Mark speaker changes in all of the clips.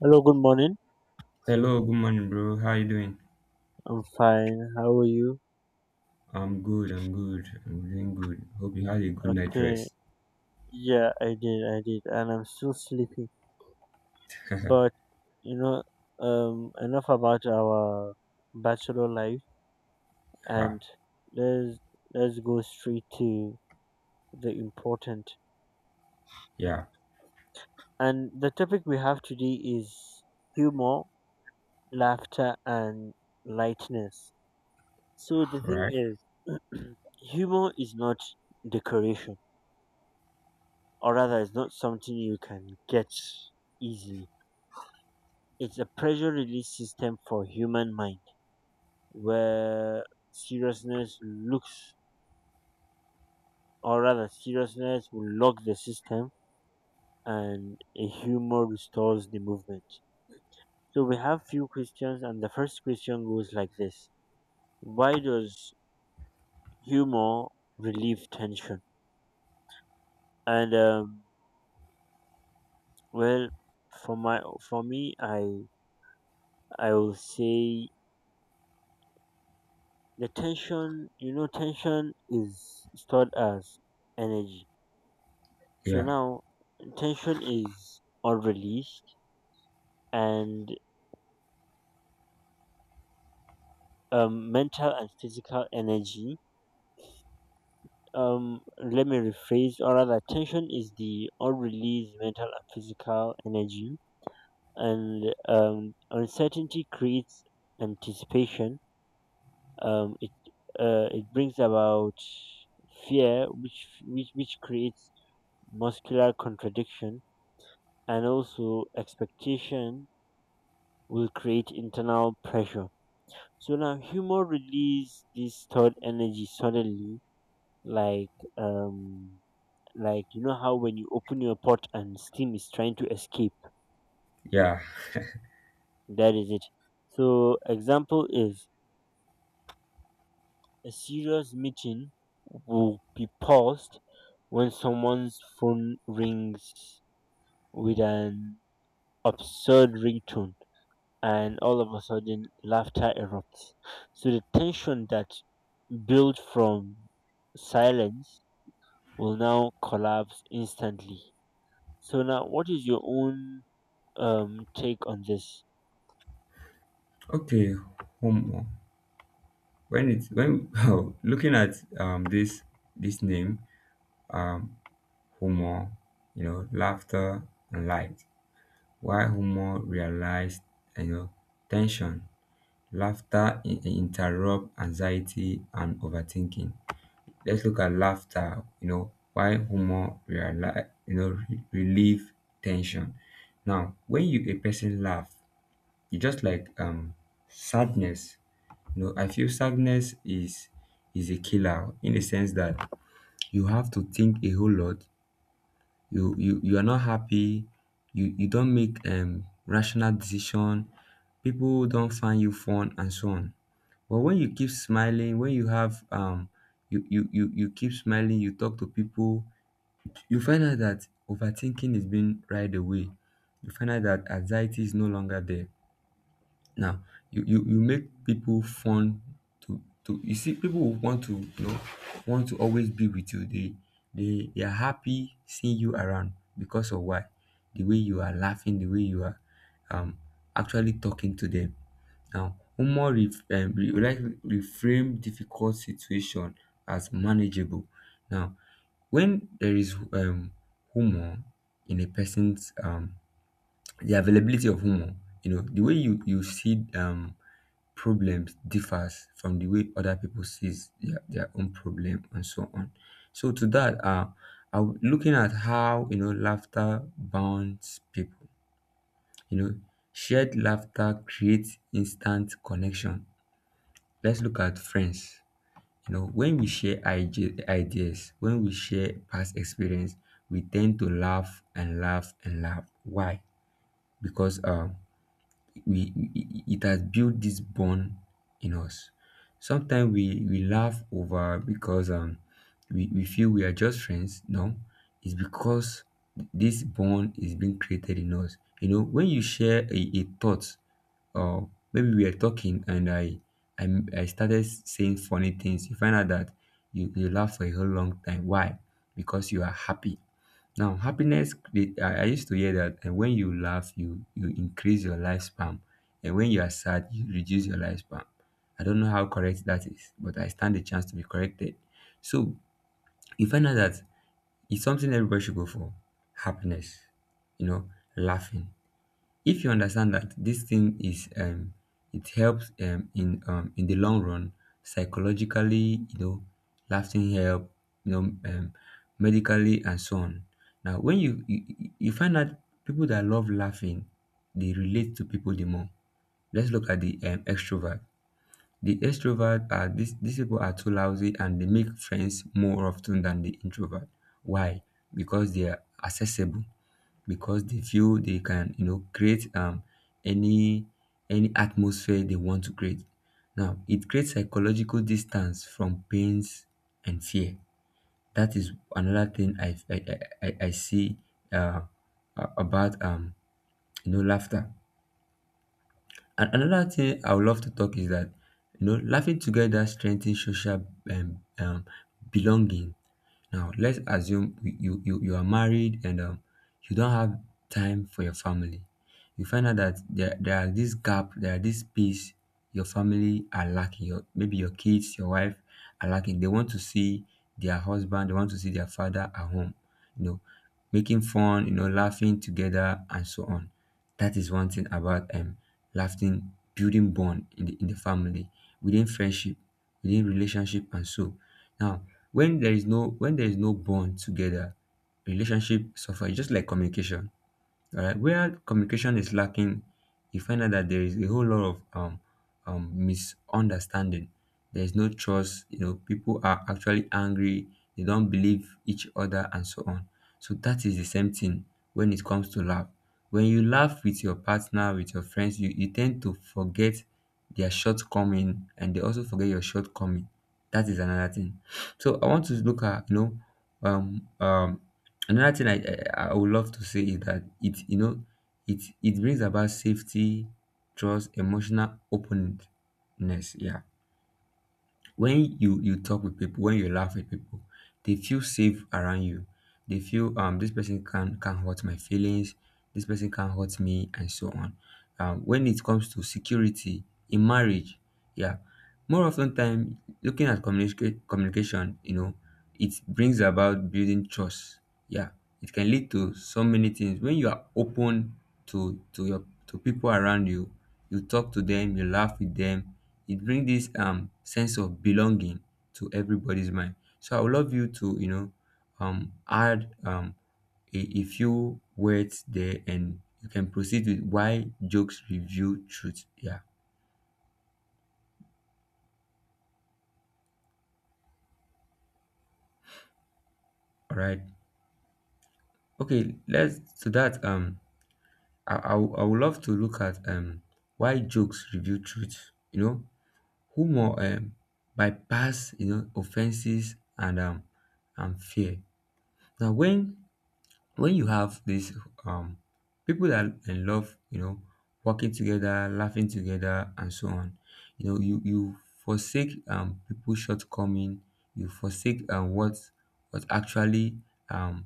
Speaker 1: Hello, good morning.
Speaker 2: Hello, good morning, bro. How you doing?
Speaker 1: I'm fine. How are you?
Speaker 2: I'm good. I'm doing good. Hope you had a good night
Speaker 1: Okay.
Speaker 2: rest.
Speaker 1: Yeah, I did. I did. And I'm still sleepy. But, you know, enough about our bachelor life
Speaker 2: Ha.
Speaker 1: and let's, let's go straight to the important.
Speaker 2: Yeah,
Speaker 1: And the topic we have today is humor, laughter, and lightness. So the thing
Speaker 2: right.
Speaker 1: is, humor is not decoration, or rather, it's not something you can get easily. It's a pressure release system for human mind where seriousness looks, or rather seriousness will lock the system and a humor restores the movement. So we have few questions and the first question goes like this. Why does humor relieve tension? And well, for my for me, I will say the tension, you know, tension is stored as energy. So
Speaker 2: Yeah,
Speaker 1: now tension is all released and mental and physical energy. Let me rephrase, or rather, tension is the unreleased mental and physical energy, and uncertainty creates anticipation. Um, it it brings about fear, which creates muscular contradiction, and also expectation will create internal pressure. So now humor release this stored energy suddenly, like um like you know how when you open your pot and steam is trying to escape.
Speaker 2: yeah.
Speaker 1: That is it. So example is a serious meeting will be paused when someone's phone rings with an absurd ringtone and all of a sudden laughter erupts. So the tension that built from silence will now collapse instantly. So now, what is your own take on this?
Speaker 2: Okay, homo. When oh, looking at this name, um humor, you know, laughter and light. Why humor realized, you know tension, laughter interrupt anxiety and overthinking. Let's look at laughter, you know, why humor realize, relieve tension. Now, when you a person laugh, you just like sadness. You know, I feel sadness is a killer in the sense that you have to think a whole lot. You are not happy. You don't make rational decision. People don't find you fun and so on. But when you keep smiling, when you have you keep smiling, you talk to people, you find out that overthinking is being right away. You find out that anxiety is no longer there. Now you make people fun to you see people who want to, want to always be with you. They are happy seeing you around because of why? The way you are laughing, the way you are um actually talking to them. Now, humor ref re we like reframe difficult situation as manageable. Now, when there is humor in a person's, the availability of humor, you know, the way you see problems differs from the way other people sees their own problem and so on. So to that, am looking at how, you know, laughter bonds people. You know, shared laughter creates instant connection. Let's look at friends. You know, when we share ideas, when we share past experience, we tend to laugh and laugh and laugh. Why? Because we, it has built this bond in us. Sometimes we laugh over because we feel we are just friends. No, it's because this bond is being created in us. You know, when you share a thought, or maybe we are talking and I I started saying funny things, you find out that you laugh for a whole long time. Why? Because you are happy. Now, happiness, I used to hear that and when you laugh, you increase your lifespan, and when you are sad, you reduce your lifespan. I don't know how correct that is, but I stand a chance to be corrected. So you find out that it's something everybody should go for, happiness, you know, laughing. If you understand that this thing is, it helps, in the long run, psychologically, you know, lasting help, you know, um medically and so on. Now when you find that people that love laughing, they relate to people the more. Let's look at the, extrovert. The extrovert, are these people are too lousy and they make friends more often than the introvert. Why? Because they are accessible, because they feel they can, you know, create any any atmosphere they want to create. Now it creates psychological distance from pains and fear. That is another thing I see, uh about, you know, laughter. And another thing I would love to talk is that, you know, laughing together strengthens social, um, um belonging. Now, let's assume you are married and, you don't have time for your family. You find out that there are this gap, there are this space your family are lacking. Maybe your kids, your wife are lacking. They want to see their husband, they want to see their father at home, you know, making fun, you know, laughing together and so on. That is one thing about, laughing, building bond in the family, within friendship, within relationship and so. Now, when there is no, when there is no bond together, relationship suffer. It's just like communication. Alright, where communication is lacking, you find out that there is a whole lot of, misunderstanding. There is no trust. You know, people are actually angry. They don't believe each other and so on. So that is the same thing when it comes to love. When you laugh with your partner, with your friends, you tend to forget their shortcoming and they also forget your shortcoming. That is another thing. So I want to look at, you know, um um another thing I would love to say is that, it you know it it brings about safety, trust, emotional openness. Yeah, when you talk with people, when you laugh with people, they feel safe around you. They feel, this person can hurt my feelings, this person can hurt me and so on. When it comes to security in marriage, yeah, more often time looking at communication, you know, it brings about building trust. Yeah, it can lead to so many things when you are open to people around you. You talk to them, you laugh with them. It brings this, sense of belonging to everybody's mind. So I would love you to, you know, add, a few words there and you can proceed with why jokes reveal truth. Yeah. All right. Okay. Let's to that. I would love to look at, why jokes reveal truth. You know, humor, bypass, you know, offenses and, and fear. Now, when, you have these, um people that in love, you know, working together, laughing together and so on. You know, you forsake, people shortcoming, you forsake, what actually, um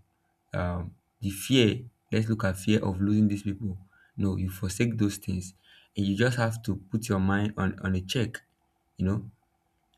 Speaker 2: um the fear. Let's look at fear of losing these people. No, you forsake those things, and you just have to put your mind on a check, you know.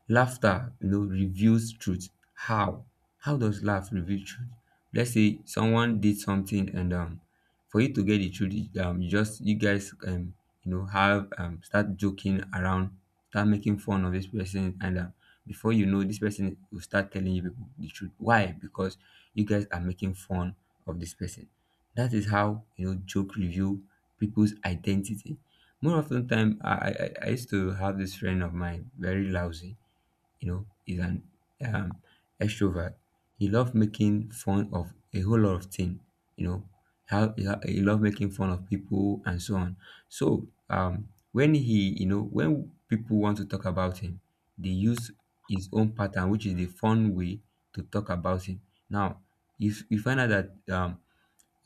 Speaker 2: Laughter, you know, reveals truth. How? How does laugh reveal truth? Let's say someone did something, and, for you to get the truth, you guys, you know, have start joking around, start making fun of this person, and, before you know, this person will start telling you people the truth. Why? Because you guys are making fun of this person. That is how, you know, joke reveal people's identity. More often time, I used to have this friend of mine, very lousy, you know, is an, um, extrovert. He loves making fun of a whole lot of things, you know. He loves making fun of people and so on. So, when he, you know, when people want to talk about him, they use his own pattern, which is the fun way to talk about him. Now, if you find out that,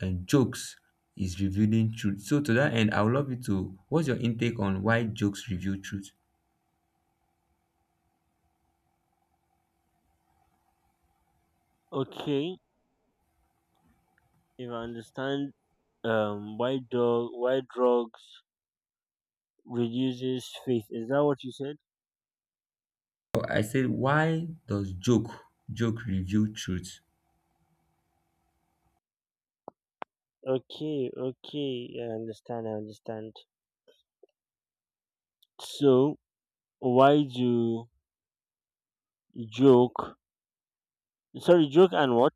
Speaker 2: and jokes is revealing truth. So to that end, I would love you to. What's your intake on why jokes reveal truth?
Speaker 1: Okay, if I understand, why dog, why drugs reduces faith? Is that what you said?
Speaker 2: So I said, why does joke reveal truth?
Speaker 1: Okay, okay, yeah, I understand, I understand. So why do joke? Sorry, joke and what?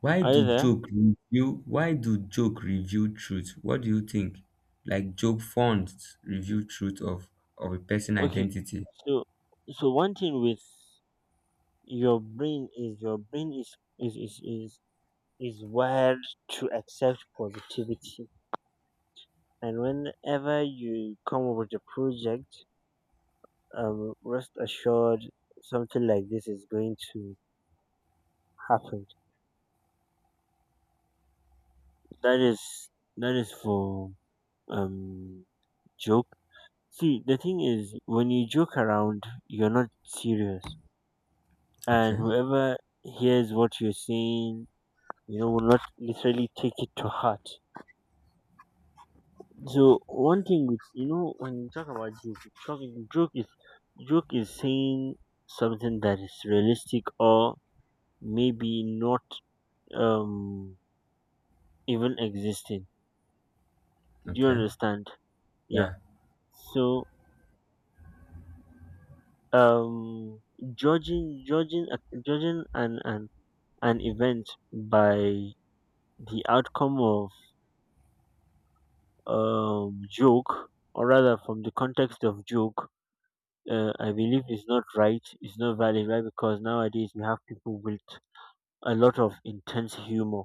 Speaker 2: Why
Speaker 1: Are
Speaker 2: do
Speaker 1: you there?
Speaker 2: joke reveal? Why do joke reveal truth? What do you think? Like joke fonts reveal truth of a person
Speaker 1: Okay,
Speaker 2: identity.
Speaker 1: so so one thing with your brain is your brain is wired to accept positivity. And whenever you come up with a project, rest assured something like this is going to happen. That is that is for um joke. See, the thing is, when you joke around, you're not serious, and
Speaker 2: Okay,
Speaker 1: whoever hears what you're saying, you know, will not literally take it to heart. So one thing with, you know, when you talk about joke, talking joke is saying something that is realistic or maybe not um even existing. Do you
Speaker 2: okay,
Speaker 1: understand? Yeah.
Speaker 2: yeah,
Speaker 1: So um judging an an event by the outcome of joke, or rather from the context of joke, I believe is not right, is not valid, right? Because nowadays we have people with a lot of intense humor.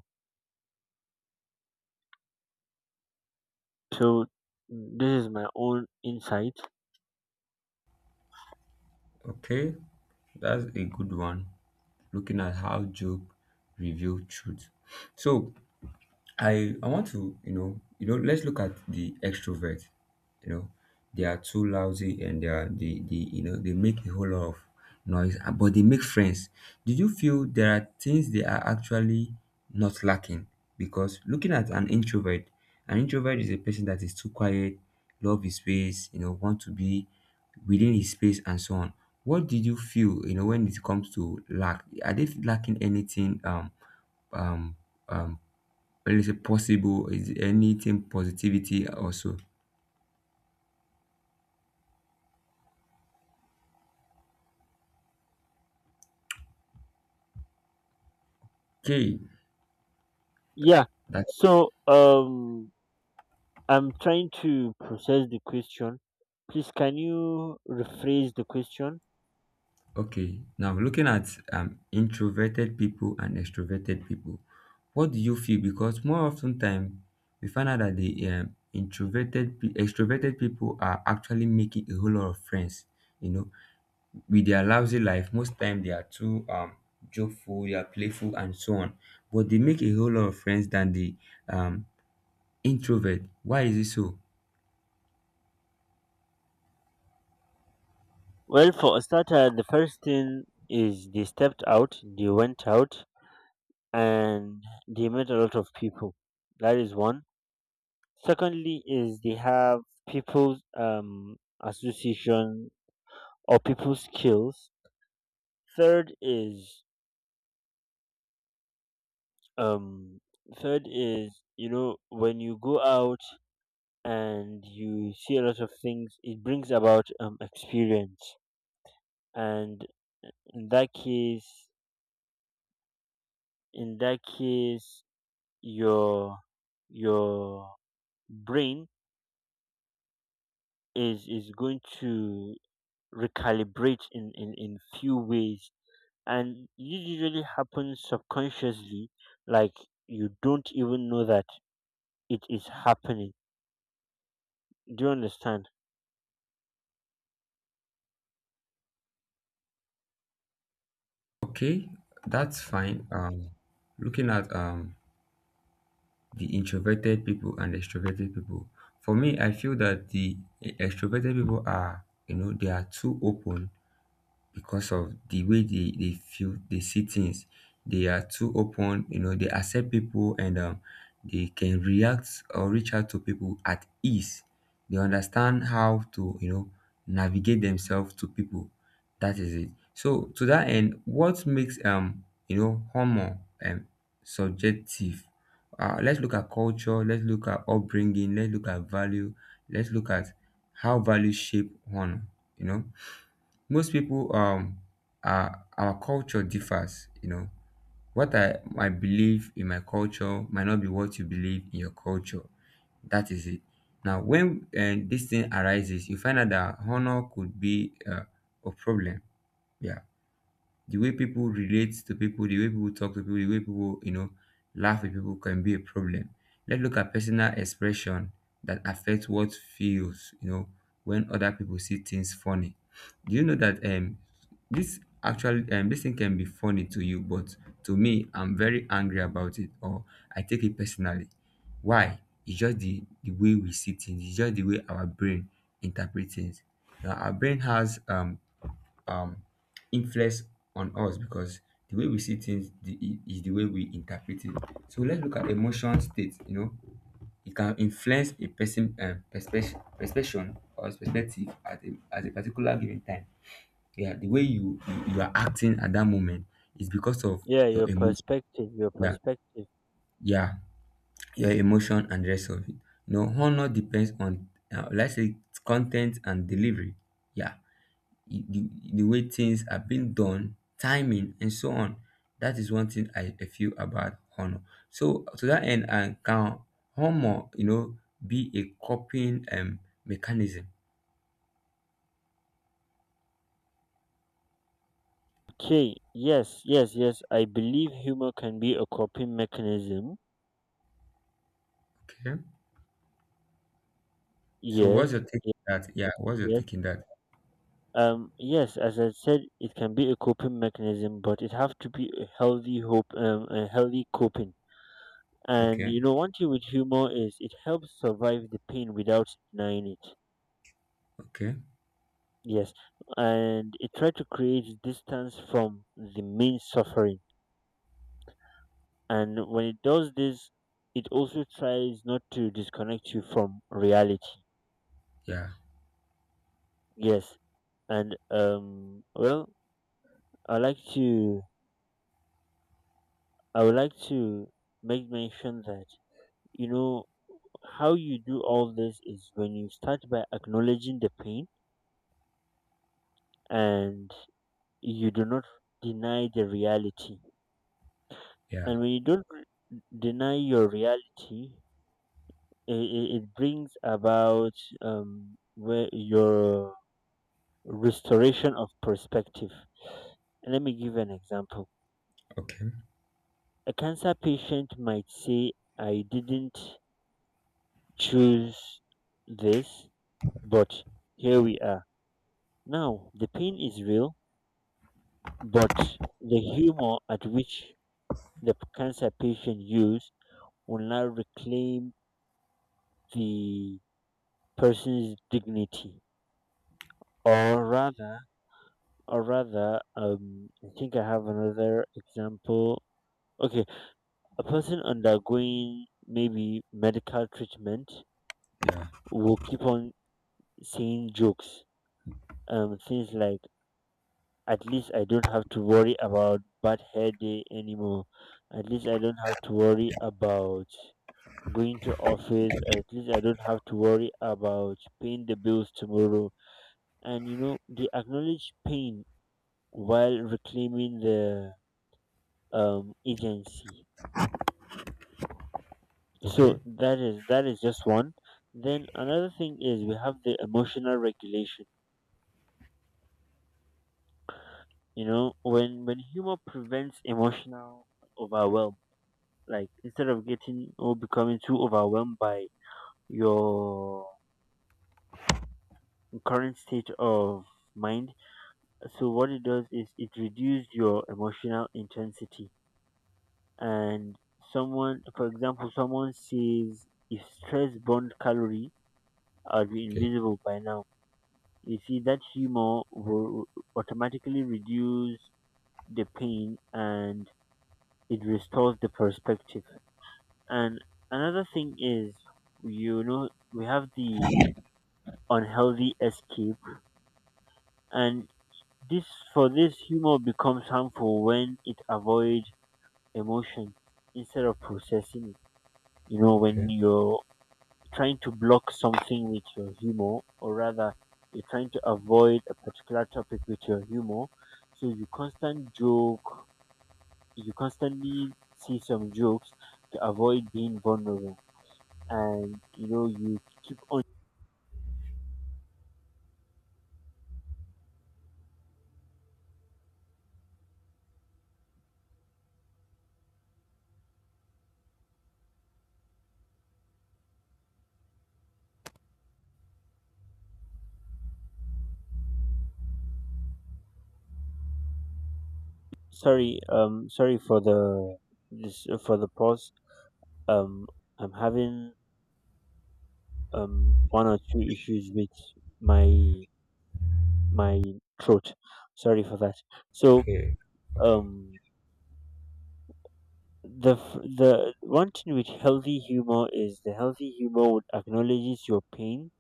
Speaker 1: So this is my own insight.
Speaker 2: okay. That's a good one. Looking at how joke reveal truth. So I want to, you know, let's look at the extrovert. You know, they are too lousy and they are they you know they make a whole lot of noise, but they make friends. Did you feel there are things they are actually not lacking? Because looking at an introvert is a person that is too quiet, love his space, you know, want to be within his space and so on. What did you feel, you know, when it comes to lack? Are they lacking anything, um um when you say possible, is anything positivity also? Okay,
Speaker 1: Yeah.
Speaker 2: that's
Speaker 1: So I'm trying to process the question. Please, can you rephrase the question?
Speaker 2: okay. Now, looking at, introverted people and extroverted people, what do you feel? Because more often time, we find out that the, extroverted people are actually making a whole lot of friends. You know, with their lousy life, most time they are too, joyful, they are playful, and so on. But they make a whole lot of friends than the, um introvert. Why is it so?
Speaker 1: Well, for a starter, the first thing is they stepped out, they went out, and they met a lot of people. That is one. Secondly is they have people's association or people's skills. Third is um third is you know when you go out and you see a lot of things, it brings about experience and in that case your your brain is going to recalibrate in in few ways, and this usually happens subconsciously, like you don't even know that it is happening. Do you understand?
Speaker 2: Okay, that's fine. Looking at the introverted people and extroverted people, for me, I feel that the extroverted people are, you know, they are too open because of the way they feel they see things. They are too open, you know, they accept people, and they can react or reach out to people at ease. They understand how to, you know, navigate themselves to people. That is it. So to that end, what makes humor um subjective? Let's look at culture, let's look at upbringing, let's look at value, let's look at how values shape honor you know Most people, our culture differs. What I believe in my culture might not be what you believe in your culture. That is it. Now, when this thing arises, you find out that honor could be, a problem. Yeah. The way people relate to people, the way people talk to people, the way people, you know, laugh with people can be a problem. Let's look at personal expression that affects what feels, you know, when other people see things funny. Do you know that this actually, this thing can be funny to you, but to me, I'm very angry about it, or I take it personally. Why? It's just the way we see things. It's just the way our brain interprets things. Now, our brain has um influence on us, because the way we see things, is the way we interpret it. So let's look at emotion state. You know, it can influence a person, perspective, perception, or perspective at a particular given time. Yeah, the way you are acting at that moment is because of
Speaker 1: Yeah,
Speaker 2: your
Speaker 1: your
Speaker 2: emotion.
Speaker 1: perspective your
Speaker 2: Yeah,
Speaker 1: perspective.
Speaker 2: yeah, your emotion and the rest of it. You know, honor depends on, let's say, content and delivery. Yeah, the way things are being done, timing, and so on. That is one thing I feel about honor. So to that end, and can honor, you know, be a coping mechanism?
Speaker 1: Okay, yes, yes, yes, I believe humor can be a coping mechanism.
Speaker 2: Okay. So what's
Speaker 1: Yes,
Speaker 2: your take
Speaker 1: yes,
Speaker 2: on that? Yeah, what's your
Speaker 1: yes.
Speaker 2: take in that?
Speaker 1: Yes, as I said, it can be a coping mechanism, but it have to be a healthy hope, a healthy coping, and
Speaker 2: Okay.
Speaker 1: you know one thing with humor is it helps survive the pain without denying it.
Speaker 2: Okay.
Speaker 1: Yes, and it tries to create distance from the main suffering. And when it does this, it also tries not to disconnect you from reality.
Speaker 2: Yeah.
Speaker 1: Yes, and well, I like to I would like to make mention that, you know, how you do all this is when you start by acknowledging the pain and you do not deny the reality.
Speaker 2: Yeah.
Speaker 1: And when you don't deny your reality, it brings about where your restoration of perspective. Let me give an example.
Speaker 2: Okay.
Speaker 1: A cancer patient might say, I didn't choose this, but here we are. Now, the pain is real, but the humor at which the p- cancer patient used will now reclaim the person's dignity. Or rather, Or rather, I think I have another example. Okay, a person undergoing maybe medical treatment
Speaker 2: Yeah.
Speaker 1: will keep on saying jokes. Things like, at least I don't have to worry about bad hair day anymore. At least I don't have to worry about going to office. At least I don't have to worry about paying the bills tomorrow. And you know, they acknowledge pain while reclaiming the agency.
Speaker 2: Okay.
Speaker 1: So that is just one. Then another thing is we have the emotional regulation. You know, when humor prevents emotional overwhelm, like instead of getting or becoming too overwhelmed by your current state of mind, so what it does is it reduces your emotional intensity. And someone, for example, someone says if stress burned calorie, I'd be
Speaker 2: Okay.
Speaker 1: invisible by now. You see that humor will automatically reduce the pain and it restores the perspective. And another thing is, you know, we have the unhealthy escape, and this, for this humor becomes harmful when it avoids emotion instead of processing it. You know,
Speaker 2: Okay.
Speaker 1: when
Speaker 2: Okay.
Speaker 1: you're trying to block something with your humor, or rather, you're trying to avoid a particular topic with your humor. So you constant joke, you constantly see some jokes to avoid being vulnerable, and you know you keep on. Sorry, sorry for the this for the pause. Um, I'm having one or two issues with my my throat. Sorry for that. So
Speaker 2: Okay.
Speaker 1: um the f- the one thing with healthy humor is the healthy humor would acknowledges your pain,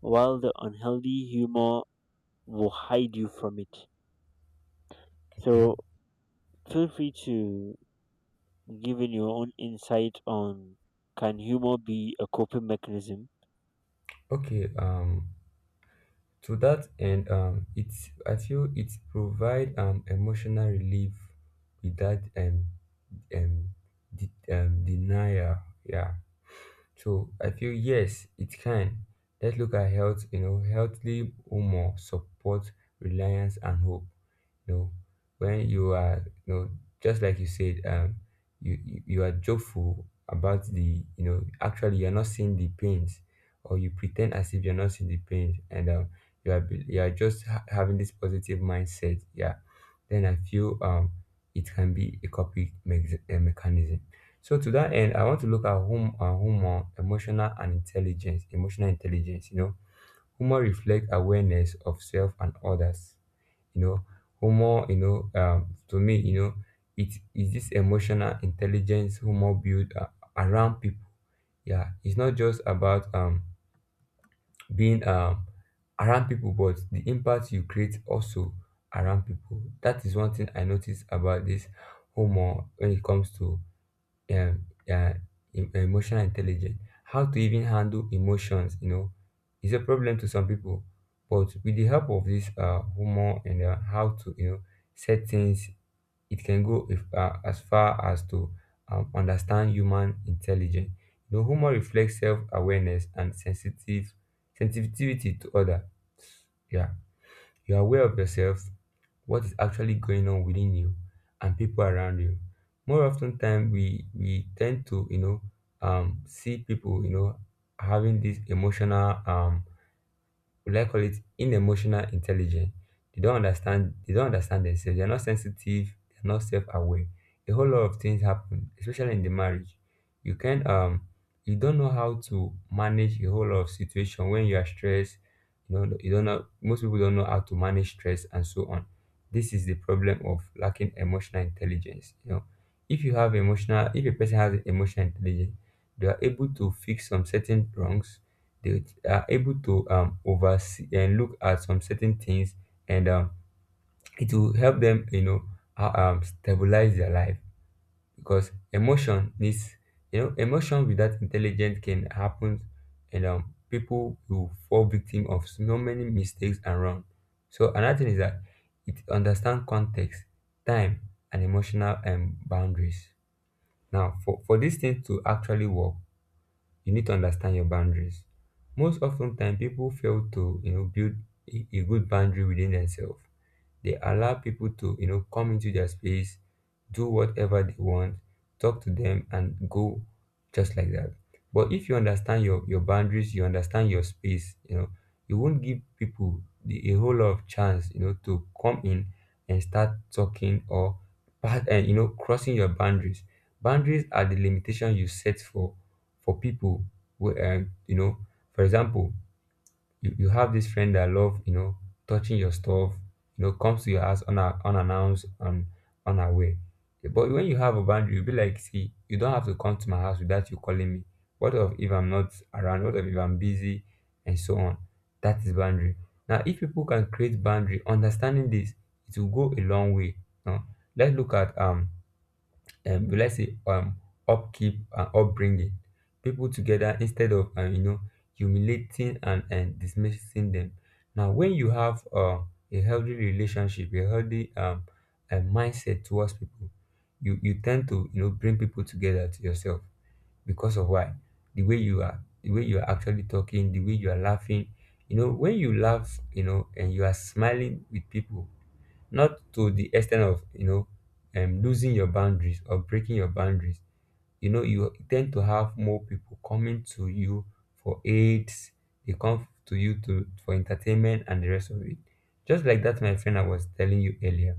Speaker 1: while the unhealthy humor will hide you from it.
Speaker 2: Okay.
Speaker 1: So feel free to give in your own insight on can humor be a coping mechanism.
Speaker 2: Okay. To that end, it I feel it provide, emotional relief without, um, denial. Yeah. So I feel, yes, it can. Let's look at health, you know, healthy humor, support, reliance, and hope. You know, when you are, just like you said, you are joyful about actually, you're not seeing the pains, or you pretend as if you're not seeing the pains, and you are just having this positive mindset, yeah. Then I feel, it can be a coping mechanism. So to that end, I want to look at humor, emotional intelligence. You know, humor reflects awareness of self and others. You know, humor. You know, to me, you know, it is this emotional intelligence humor built, around people. Yeah, it's not just about, being, around people, but the impact you create also around people. That is one thing I notice about this humor when it comes to, um, uh, emotional intelligence. How to even handle emotions, you know, is a problem to some people. But with the help of this, humor, and, how to, you know, set things, it can go, if, as far as to, understand human intelligence. You know, humor reflects self-awareness and sensitive sensitivity to other. Yeah, you are aware of yourself, what is actually going on within you and people around you. More often time, we tend to, you know, see people, you know, having this emotional, will I call it, unemotional intelligence. They don't understand. They don't understand themselves. They're not sensitive. They're not self-aware. A whole lot of things happen, especially in the marriage. You can um you don't know how to manage a whole lot of situation when you are stressed. You know you don't know. Most people don't know how to manage stress and so on. This is the problem of lacking emotional intelligence. You know, if a person has emotional intelligence, they are able to fix some certain wrongs. They are able to, oversee and look at some certain things, and, it will help them, you know, stabilize their life, because emotion needs, you know, emotion without intelligence can happen, and, people will fall victim of so many mistakes and wrong. So another thing is that it understand context, time, and emotional, boundaries. Now, for these things to actually work, you need to understand your boundaries. Most often time, people fail to, you know, build a good boundary within themselves. They allow people to, you know, come into their space, do whatever they want, talk to them and go just like that. But if you understand your boundaries, you understand your space, you know, you won't give people a whole lot of chance, you know, to come in and start talking or part and, you know, crossing your boundaries. Boundaries are the limitation you set for people who, you know, for example, you have this friend that love, you know, touching your stuff, you know, comes to your house, unannounced and unaware. But when you have a boundary, you'll be like, see, you don't have to come to my house without you calling me. What of if I'm not around? What of if I'm busy? And so on. That is boundary. Now, if people can create boundary understanding this, it will go a long way, you know? Let's look at, we like say, upkeep and upbringing people together, instead of, you know, humiliating, and dismissing them. Now, when you have, a healthy relationship, a healthy, a mindset towards people, you tend to, you know, bring people together to yourself. Because of why? The way you are, the way you are actually talking, the way you are laughing, you know, when you laugh, you know, and you are smiling with people, not to the extent of, you know, losing your boundaries or breaking your boundaries, you know, you tend to have more people coming to you for aids. They come to you to for entertainment and the rest of it. Just like that, my friend I was telling you earlier.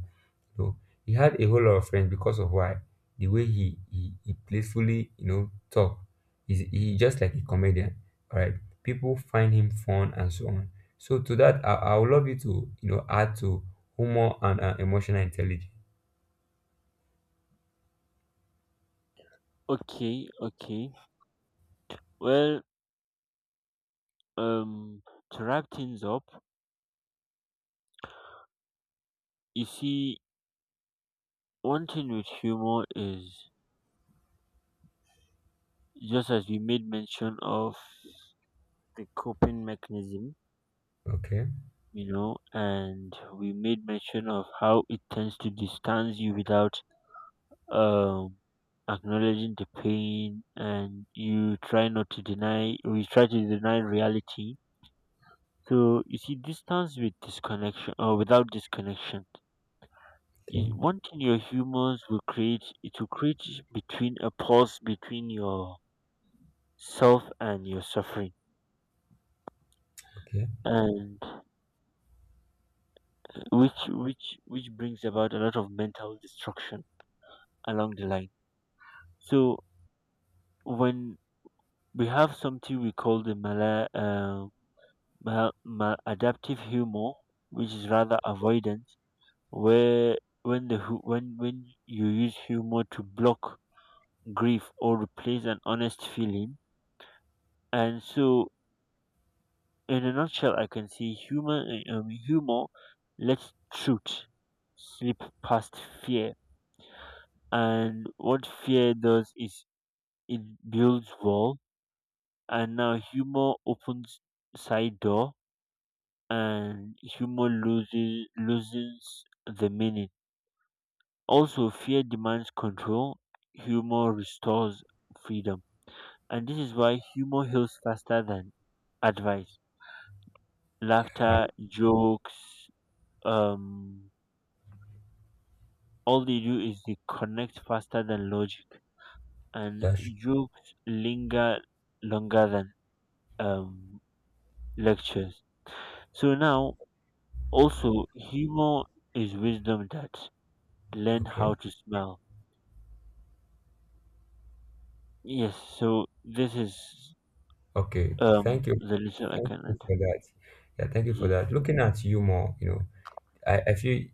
Speaker 2: No, he had a whole lot of friends. Because of why? The way he playfully, you know, talk. He's, he just like a comedian. All right, people find him fun and so on. So to that, I would love you to, you know, add to humor and, emotional intelligence.
Speaker 1: Okay, okay, well, um to wrap things up, you see one thing with humor is just as we made mention of the coping mechanism,
Speaker 2: Okay,
Speaker 1: you know, and we made mention of how it tends to distance you without um, acknowledging the pain, and you try not to deny, we try to deny reality. So you see, distance with disconnection or without disconnection
Speaker 2: okay,
Speaker 1: is one thing your humans will create. It will create between a pause between your self and your suffering,
Speaker 2: okay.
Speaker 1: and which brings about a lot of mental destruction along the line. So when we have something we call the mala, mal- maladaptive humor, which is rather avoidance, where when the hu- when you use humor to block grief or replace an honest feeling, and so in a nutshell, I can see humor lets truth slip past fear, and what fear does is it builds wall, and now humor opens side door and humor loses the meaning. Also, fear demands control, humor restores freedom. And this is why humor heals faster than advice.
Speaker 2: Uh,
Speaker 1: Laughter, jokes, um, all they do is they connect faster than logic. And
Speaker 2: that's
Speaker 1: jokes linger longer than um, lectures. So now, also, humor is wisdom that learn
Speaker 2: okay.
Speaker 1: how to smile. Yes, so this is
Speaker 2: Okay, thank you,
Speaker 1: the Little
Speaker 2: thank you
Speaker 1: Canada.
Speaker 2: for that. Yeah, thank you for
Speaker 1: Yes.
Speaker 2: that. Looking at you more, you know, I feel,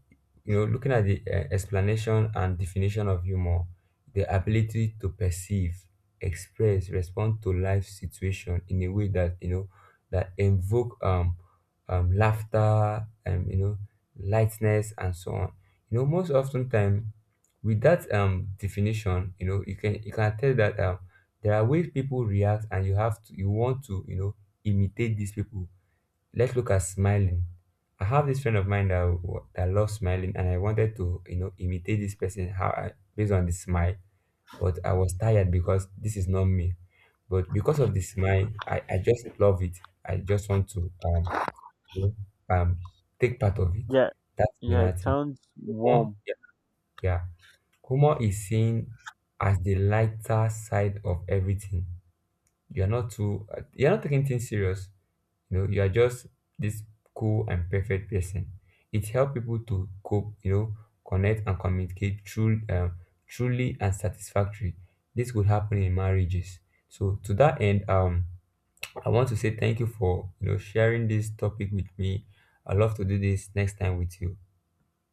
Speaker 2: you know, looking at the, explanation and definition of humor, the ability to perceive, express, respond to life situation in a way that, you know, that invoke, laughter, and, you know, lightness, and so on. You know, most often time, with that, definition, you know, you can tell that, there are ways people react, and you want to, you know, imitate these people. Let's look at smiling. I have this friend of mine that loves smiling, and I wanted to, you know, imitate this person, how I, based on the smile, but I was tired because this is not me. But because of the smile, I just love it. I just want to, you know, take part of it.
Speaker 1: Yeah,
Speaker 2: That's
Speaker 1: yeah, it
Speaker 2: another thing.
Speaker 1: sounds
Speaker 2: Humor,
Speaker 1: warm.
Speaker 2: yeah, yeah. Humor is seen as the lighter side of everything. You are not taking things serious, you know, you are just this cool and perfect person. It helps people to cope, you know, connect and communicate through, truly and satisfactory. This would happen in marriages. So to that end, I want to say thank you for, you know, sharing this topic with me. I love to do this next time with you.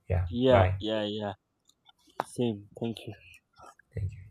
Speaker 2: Yeah,
Speaker 1: Yeah,
Speaker 2: bye.
Speaker 1: yeah, yeah. Same. Thank you.
Speaker 2: Thank you.